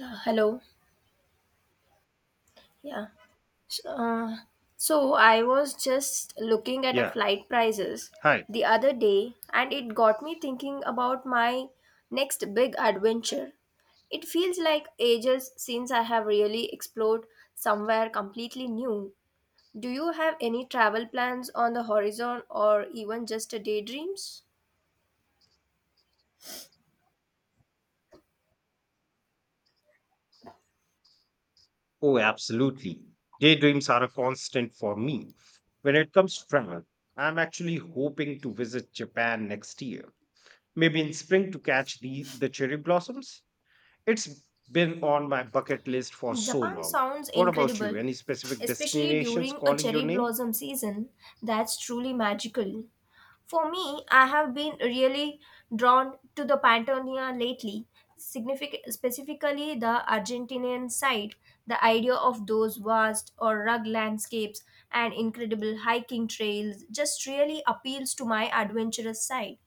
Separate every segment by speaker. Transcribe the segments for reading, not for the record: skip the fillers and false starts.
Speaker 1: Hello. Yeah. So, uh, so I was just looking at a
Speaker 2: Yeah.
Speaker 1: flight prices
Speaker 2: Hi.
Speaker 1: the other day, and it got me thinking about my next big adventure. It feels like ages since I have really explored somewhere completely new. Do you have any travel plans on the horizon, or even just a daydreams?
Speaker 2: Oh, absolutely. Daydreams are a constant for me. When it comes to travel, I'm actually hoping to visit Japan next year, maybe in spring to catch the cherry blossoms. It's been on my bucket list for so
Speaker 1: Japan
Speaker 2: long.
Speaker 1: sounds
Speaker 2: What about you?
Speaker 1: incredible,
Speaker 2: Any specific
Speaker 1: especially
Speaker 2: destinations
Speaker 1: during a
Speaker 2: calling
Speaker 1: cherry
Speaker 2: your name?
Speaker 1: blossom season. That's truly magical. For me, I have been really drawn to the Patagonia lately, specifically the Argentinian side. The idea of those vast or rugged landscapes and incredible hiking trails just really appeals to my adventurous side.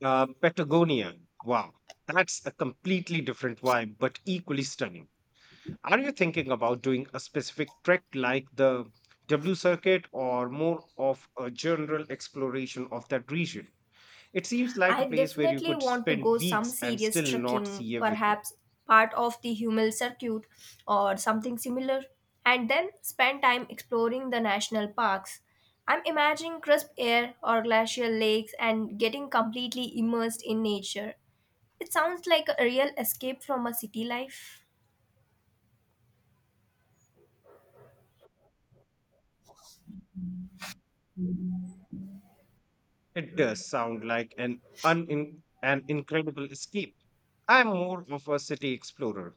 Speaker 2: Patagonia. Wow, that's a completely different vibe, but equally stunning. Are you thinking about doing a specific trek like the W Circuit or more of a general exploration of that region? It seems like
Speaker 1: I
Speaker 2: a place where you
Speaker 1: definitely
Speaker 2: could
Speaker 1: want to
Speaker 2: spend
Speaker 1: go some
Speaker 2: weeks and
Speaker 1: serious
Speaker 2: still not
Speaker 1: trekking,
Speaker 2: see everything.
Speaker 1: perhaps part of the Hummel circuit or something similar, and then spend time exploring the national parks. I'm imagining crisp air or glacial lakes and getting completely immersed in nature. It sounds like a real escape from a city life.
Speaker 2: It does sound like an incredible escape. I'm more of a city explorer.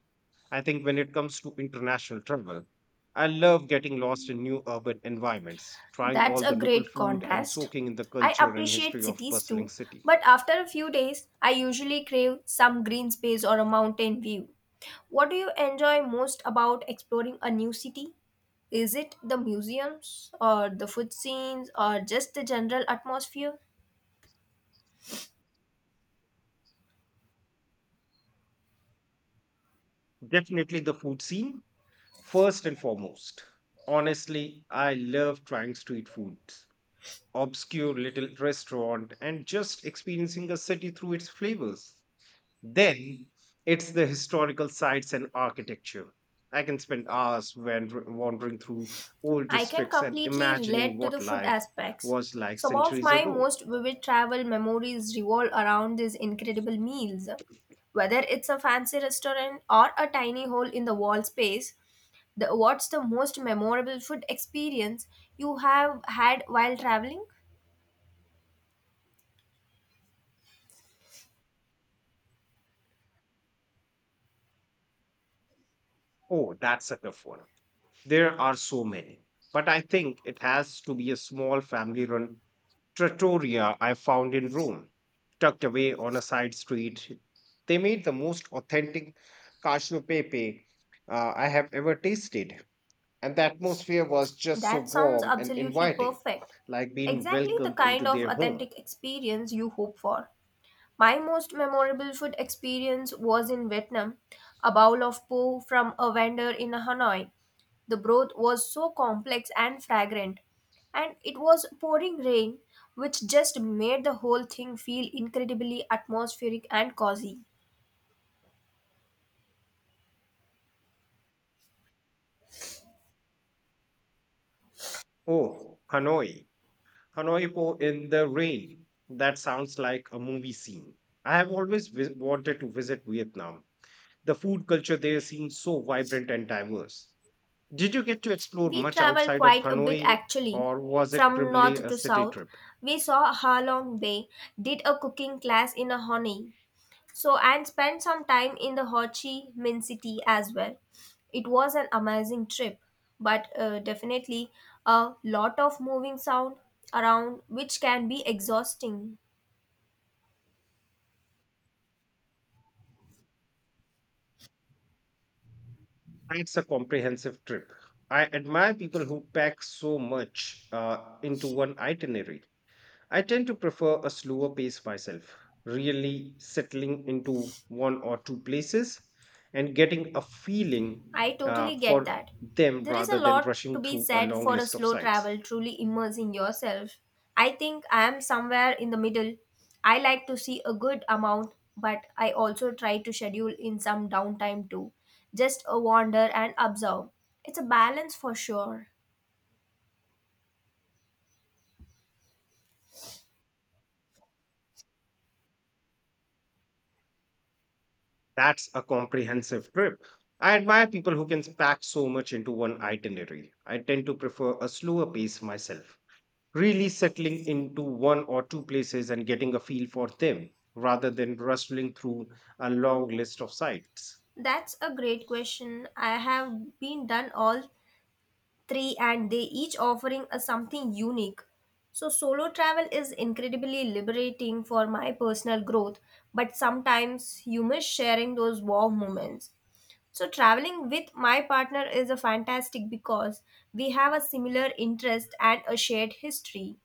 Speaker 2: I think when it comes to international travel, I love getting lost in new urban environments, trying
Speaker 1: That's
Speaker 2: all
Speaker 1: a
Speaker 2: the local
Speaker 1: great
Speaker 2: food and
Speaker 1: contrast.
Speaker 2: soaking in the
Speaker 1: I
Speaker 2: culture and
Speaker 1: appreciate
Speaker 2: history of
Speaker 1: cities
Speaker 2: bustling
Speaker 1: too,
Speaker 2: city.
Speaker 1: but after a few days, I usually crave some green space or a mountain view. What do you enjoy most about exploring a new city? Is it the museums or the food scenes or just the general atmosphere?
Speaker 2: Definitely the food scene first and foremost. Honestly, I love trying street foods, obscure little restaurant and just experiencing a city through its flavors. Then it's the historical sites and architecture. I can spend hours wandering through old
Speaker 1: I can
Speaker 2: districts and
Speaker 1: completely
Speaker 2: imagining
Speaker 1: relate to the
Speaker 2: what
Speaker 1: food
Speaker 2: life
Speaker 1: aspects.
Speaker 2: was like
Speaker 1: Some of
Speaker 2: centuries
Speaker 1: my
Speaker 2: ago.
Speaker 1: most vivid travel memories revolve around these incredible meals. Whether it's a fancy restaurant or a tiny hole in the wall space, what's the most memorable food experience you have had while traveling?
Speaker 2: Oh, that's a tough one. There are so many. But I think it has to be a small family run trattoria I found in Rome, tucked away on a side street. They made the most authentic cacio e pepe I have ever tasted. And the atmosphere was just so
Speaker 1: That sounds
Speaker 2: warm and
Speaker 1: absolutely
Speaker 2: inviting,
Speaker 1: perfect.
Speaker 2: like being
Speaker 1: Exactly the
Speaker 2: welcomed into
Speaker 1: kind of
Speaker 2: their home.
Speaker 1: authentic experience you hope for. My most memorable food experience was in Vietnam, a bowl of po from a vendor in Hanoi. The broth was so complex and fragrant, and it was pouring rain, which just made the whole thing feel incredibly atmospheric and cozy.
Speaker 2: Oh, Hanoi. Hanoi Po in the rain. That sounds like a movie scene. I have always wanted to visit Vietnam. The food culture there seems so vibrant and diverse. Did you get to explore
Speaker 1: We
Speaker 2: much
Speaker 1: traveled
Speaker 2: outside of
Speaker 1: quite a bit
Speaker 2: Hanoi
Speaker 1: actually,
Speaker 2: or was it
Speaker 1: from
Speaker 2: primarily
Speaker 1: north
Speaker 2: a
Speaker 1: to
Speaker 2: city
Speaker 1: south.
Speaker 2: trip?
Speaker 1: We saw Halong Bay, did a cooking class in Hanoi, so and spent some time in the Ho Chi Minh City as well. It was an amazing trip, but definitely a lot of moving sound around, which can be exhausting.
Speaker 2: It's a comprehensive trip. I admire people who pack so much into one itinerary. I tend to prefer a slower pace myself, really settling into one or two places and getting a feeling
Speaker 1: I
Speaker 2: uh,
Speaker 1: totally get
Speaker 2: for
Speaker 1: that.
Speaker 2: them
Speaker 1: There is a
Speaker 2: rather than
Speaker 1: lot to
Speaker 2: rushing
Speaker 1: be
Speaker 2: through a
Speaker 1: said
Speaker 2: long
Speaker 1: for a
Speaker 2: list of
Speaker 1: slow
Speaker 2: sites.
Speaker 1: travel, truly immersing yourself. I think I am somewhere in the middle. I like to see a good amount, but I also try to schedule in some downtime too, just a wander and observe. It's a balance for sure.
Speaker 2: That's a comprehensive trip. I admire people who can pack so much into one itinerary. I tend to prefer a slower pace myself, really settling into one or two places and getting a feel for them rather than rustling through a long list of sites.
Speaker 1: That's a great question. I have been done all three and they each offering us something unique, so solo travel is incredibly liberating for my personal growth, but sometimes you miss sharing those warm moments, so traveling with my partner is a fantastic because we have a similar interest and a shared history.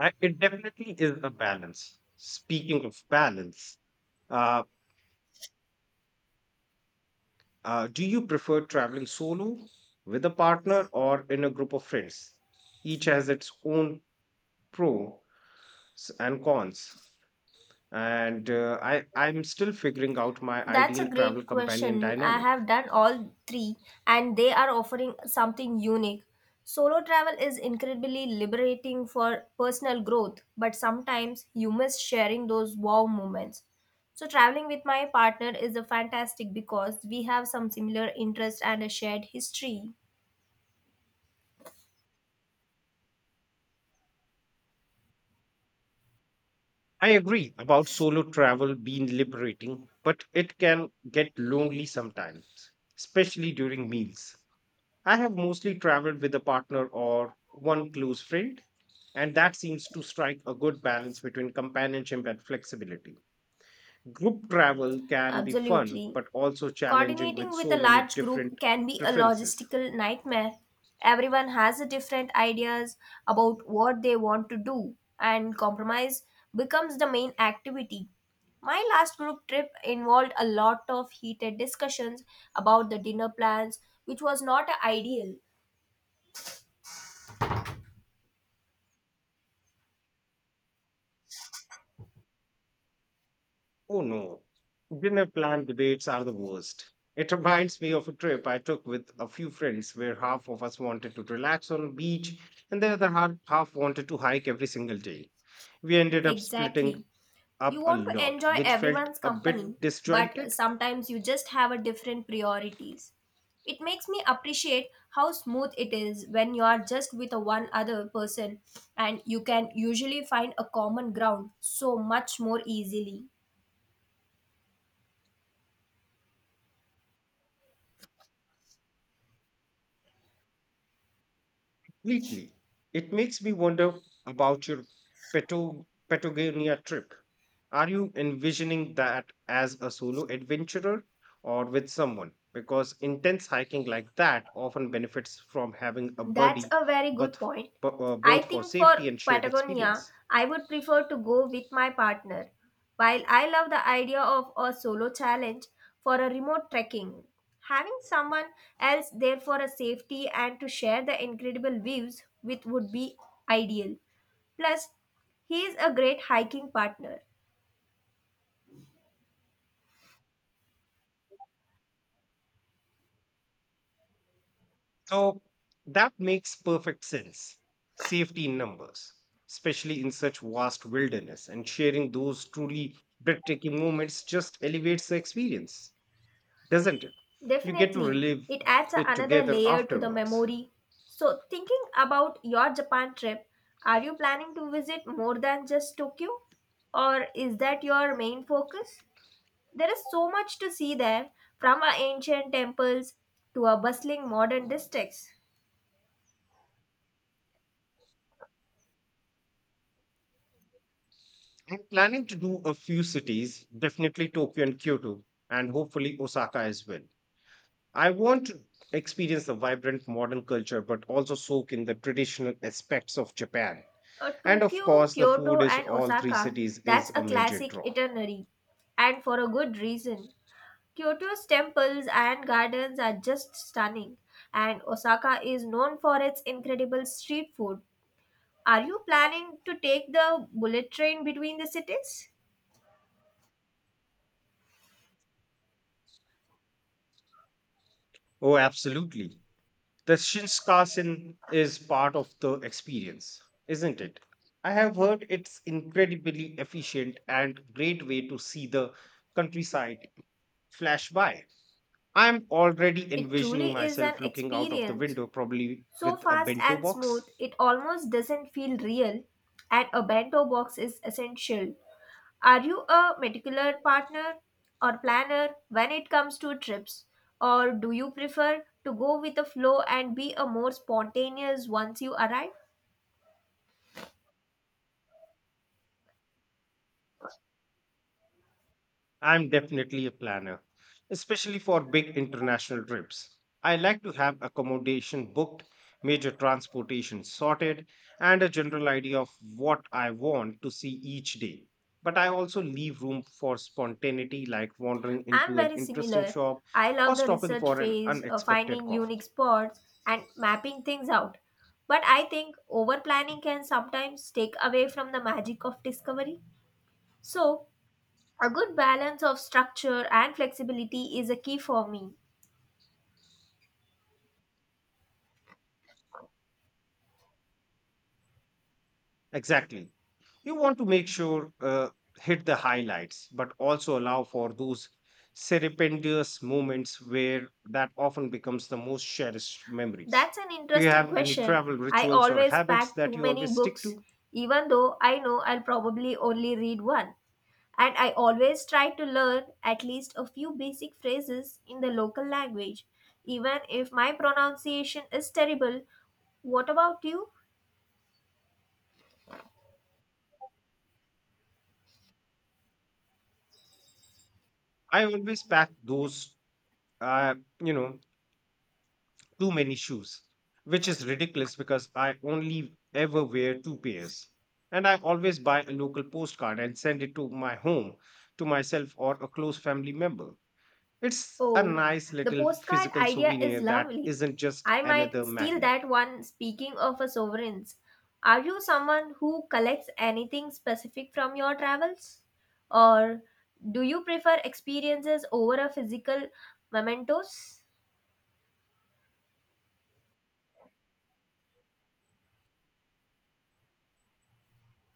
Speaker 2: It definitely is a balance. Speaking of balance, uh, do you prefer traveling solo, with a partner, or in a group of friends? Each has its own pros and cons, and I'm still figuring out my
Speaker 1: That's a
Speaker 2: ideal
Speaker 1: great
Speaker 2: travel companion
Speaker 1: question. I
Speaker 2: dynamic.
Speaker 1: have done all three, and they are offering something unique. Solo travel is incredibly liberating for personal growth, but sometimes you miss sharing those wow moments. So, traveling with my partner is a fantastic because we have some similar interests and a shared history.
Speaker 2: I agree about solo travel being liberating, but it can get lonely sometimes, especially during meals. I have mostly traveled with a partner or one close friend, and that seems to strike a good balance between companionship and flexibility. Group travel can be fun,
Speaker 1: Absolutely.
Speaker 2: but also challenging
Speaker 1: Coordinating
Speaker 2: with
Speaker 1: with a
Speaker 2: so many
Speaker 1: large group
Speaker 2: different
Speaker 1: can be a
Speaker 2: preferences.
Speaker 1: logistical nightmare. Everyone has a different ideas about what they want to do, and compromise becomes the main activity. My last group trip involved a lot of heated discussions about the dinner plans, which was not ideal.
Speaker 2: Oh no, dinner plan debates are the worst. It reminds me of a trip I took with a few friends where half of us wanted to relax on a beach and the other half wanted to hike every single day. We ended up
Speaker 1: Exactly.
Speaker 2: splitting
Speaker 1: You
Speaker 2: up a
Speaker 1: want to
Speaker 2: lot,
Speaker 1: enjoy
Speaker 2: which felt
Speaker 1: everyone's
Speaker 2: a
Speaker 1: company,
Speaker 2: bit
Speaker 1: but
Speaker 2: disjointed
Speaker 1: sometimes you just have a different priorities. It makes me appreciate how smooth it is when you are just with a one other person and you can usually find a common ground so much more easily.
Speaker 2: completely. It makes me wonder about your Patagonia trip. Are you envisioning that as a solo adventurer or with someone? Because intense hiking like that often benefits from having a
Speaker 1: That's
Speaker 2: buddy,
Speaker 1: a very good
Speaker 2: but
Speaker 1: point.
Speaker 2: but
Speaker 1: I
Speaker 2: both for
Speaker 1: think for
Speaker 2: safety and shared
Speaker 1: Patagonia,
Speaker 2: experience.
Speaker 1: I would prefer to go with my partner. While I love the idea of a solo challenge for a remote trekking, having someone else there for a safety and to share the incredible views with would be ideal. Plus, he is a great hiking partner.
Speaker 2: So that makes perfect sense. Safety in numbers, especially in such vast wilderness, and sharing those truly breathtaking moments just elevates the experience, doesn't it? You get to
Speaker 1: Definitely,
Speaker 2: relive
Speaker 1: it adds
Speaker 2: it
Speaker 1: another
Speaker 2: together
Speaker 1: layer to the
Speaker 2: afterwards.
Speaker 1: memory. So, thinking about your Japan trip, are you planning to visit more than just Tokyo? Or is that your main focus? There is so much to see there, from our ancient temples to our bustling modern districts.
Speaker 2: I'm planning to do a few cities, definitely Tokyo and Kyoto, and hopefully Osaka as well. I want to experience the vibrant modern culture, but also soak in the traditional aspects of Japan. And of
Speaker 1: Tokyo,
Speaker 2: course, the food
Speaker 1: Kyoto,
Speaker 2: is
Speaker 1: and
Speaker 2: all three
Speaker 1: Osaka,
Speaker 2: cities
Speaker 1: that's
Speaker 2: is
Speaker 1: a
Speaker 2: a major
Speaker 1: classic
Speaker 2: draw.
Speaker 1: itinerary, and for a good reason. Kyoto's temples and gardens are just stunning, and Osaka is known for its incredible street food. Are you planning to take the bullet train between the cities?
Speaker 2: Oh, absolutely. The Shinkansen is part of the experience, isn't it? I have heard it's incredibly efficient and great way to see the countryside flash by. I'm already
Speaker 1: It
Speaker 2: envisioning
Speaker 1: truly is an
Speaker 2: myself looking out of the
Speaker 1: experience.
Speaker 2: window, probably
Speaker 1: So
Speaker 2: with a
Speaker 1: fast
Speaker 2: bento
Speaker 1: and
Speaker 2: box.
Speaker 1: smooth, it almost doesn't feel real, and a bento box is essential. Are you a particular partner or planner when it comes to trips? Or do you prefer to go with the flow and be a more spontaneous once you arrive?
Speaker 2: I'm definitely a planner, especially for big international trips. I like to have accommodation booked, major transportation sorted, and a general idea of what I want to see each day. But I also leave room for spontaneity, like wandering
Speaker 1: I'm
Speaker 2: into an
Speaker 1: very
Speaker 2: interesting
Speaker 1: similar.
Speaker 2: shop
Speaker 1: I love
Speaker 2: or
Speaker 1: the
Speaker 2: stopping
Speaker 1: research
Speaker 2: for an
Speaker 1: phase of
Speaker 2: unexpected
Speaker 1: finding
Speaker 2: coffee.
Speaker 1: unique spots and mapping things out. But I think over planning can sometimes take away from the magic of discovery. So, a good balance of structure and flexibility is a key for me.
Speaker 2: Exactly. You want to make sure hit the highlights, but also allow for those serendipitous moments where that often becomes the most cherished memories.
Speaker 1: That's an
Speaker 2: Do you
Speaker 1: interesting
Speaker 2: have any
Speaker 1: question.
Speaker 2: travel
Speaker 1: I
Speaker 2: rituals or
Speaker 1: always
Speaker 2: habits
Speaker 1: pack too
Speaker 2: that you
Speaker 1: many
Speaker 2: always stick
Speaker 1: books,
Speaker 2: to?
Speaker 1: even though I know I'll probably only read one. And I always try to learn at least a few basic phrases in the local language, even if my pronunciation is terrible. What about you?
Speaker 2: I always pack uh, you know, too many shoes, which is ridiculous because I only ever wear two pairs. And I always buy a local postcard and send it to my home, to myself or a close family member. It's a
Speaker 1: Oh,
Speaker 2: nice
Speaker 1: the
Speaker 2: little
Speaker 1: postcard
Speaker 2: physical
Speaker 1: idea is
Speaker 2: souvenir that
Speaker 1: lovely.
Speaker 2: isn't just
Speaker 1: I might
Speaker 2: another
Speaker 1: steal
Speaker 2: magnet.
Speaker 1: that one. Speaking of a sovereigns, are you someone who collects anything specific from your travels? Or do you prefer experiences over a physical mementos?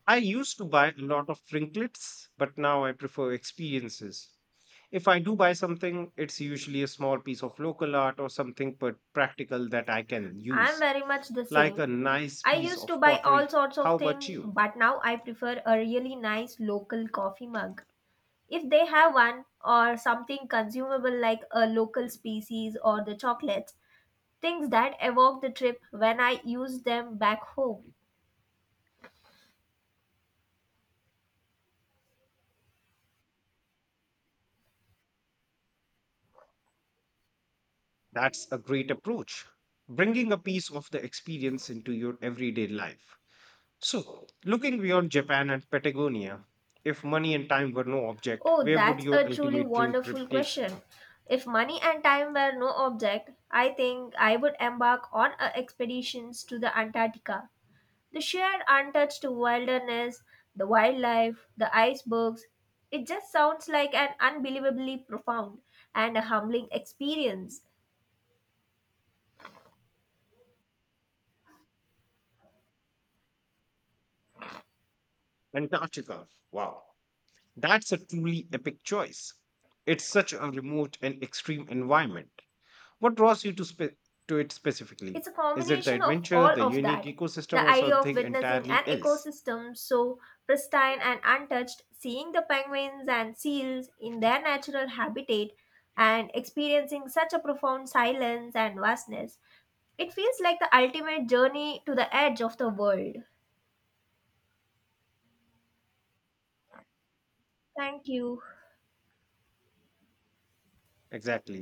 Speaker 2: I used to buy a lot of trinkets, but now I prefer experiences. If I do buy something, it's usually a small piece of local art or something but practical that I can
Speaker 1: I'm
Speaker 2: use,
Speaker 1: very much the
Speaker 2: like
Speaker 1: same.
Speaker 2: a nice
Speaker 1: I
Speaker 2: piece
Speaker 1: used to
Speaker 2: of
Speaker 1: buy all
Speaker 2: pottery.
Speaker 1: sorts
Speaker 2: How
Speaker 1: of
Speaker 2: about
Speaker 1: things,
Speaker 2: you?
Speaker 1: but now I prefer a really nice local coffee mug. If they have one, or something consumable like a local species or the chocolates, things that evoke the trip when I use them back home.
Speaker 2: That's a great approach, bringing a piece of the experience into your everyday life. So, looking beyond Japan and Patagonia, if money and time were no object,
Speaker 1: Oh,
Speaker 2: where would
Speaker 1: that's
Speaker 2: your
Speaker 1: a truly
Speaker 2: ultimate dream trip
Speaker 1: wonderful
Speaker 2: take you?
Speaker 1: question. If money and time were no object, I think I would embark on a expeditions to the Antarctica. The sheer untouched wilderness, the wildlife, the icebergs, it just sounds like an unbelievably profound and a humbling experience.
Speaker 2: Antarctica. Wow. That's a truly epic choice. It's such a remote and extreme environment. What draws you to, to it specifically?
Speaker 1: It's a
Speaker 2: Is it the
Speaker 1: combination of
Speaker 2: adventure,
Speaker 1: all
Speaker 2: the
Speaker 1: of
Speaker 2: unique
Speaker 1: that.
Speaker 2: ecosystem,
Speaker 1: The
Speaker 2: or
Speaker 1: idea of
Speaker 2: something
Speaker 1: witnessing
Speaker 2: entirely
Speaker 1: an
Speaker 2: else?
Speaker 1: ecosystem so pristine and untouched, seeing the penguins and seals in their natural habitat, and experiencing such a profound silence and vastness. It feels like the ultimate journey to the edge of the world. Thank you.
Speaker 2: Exactly.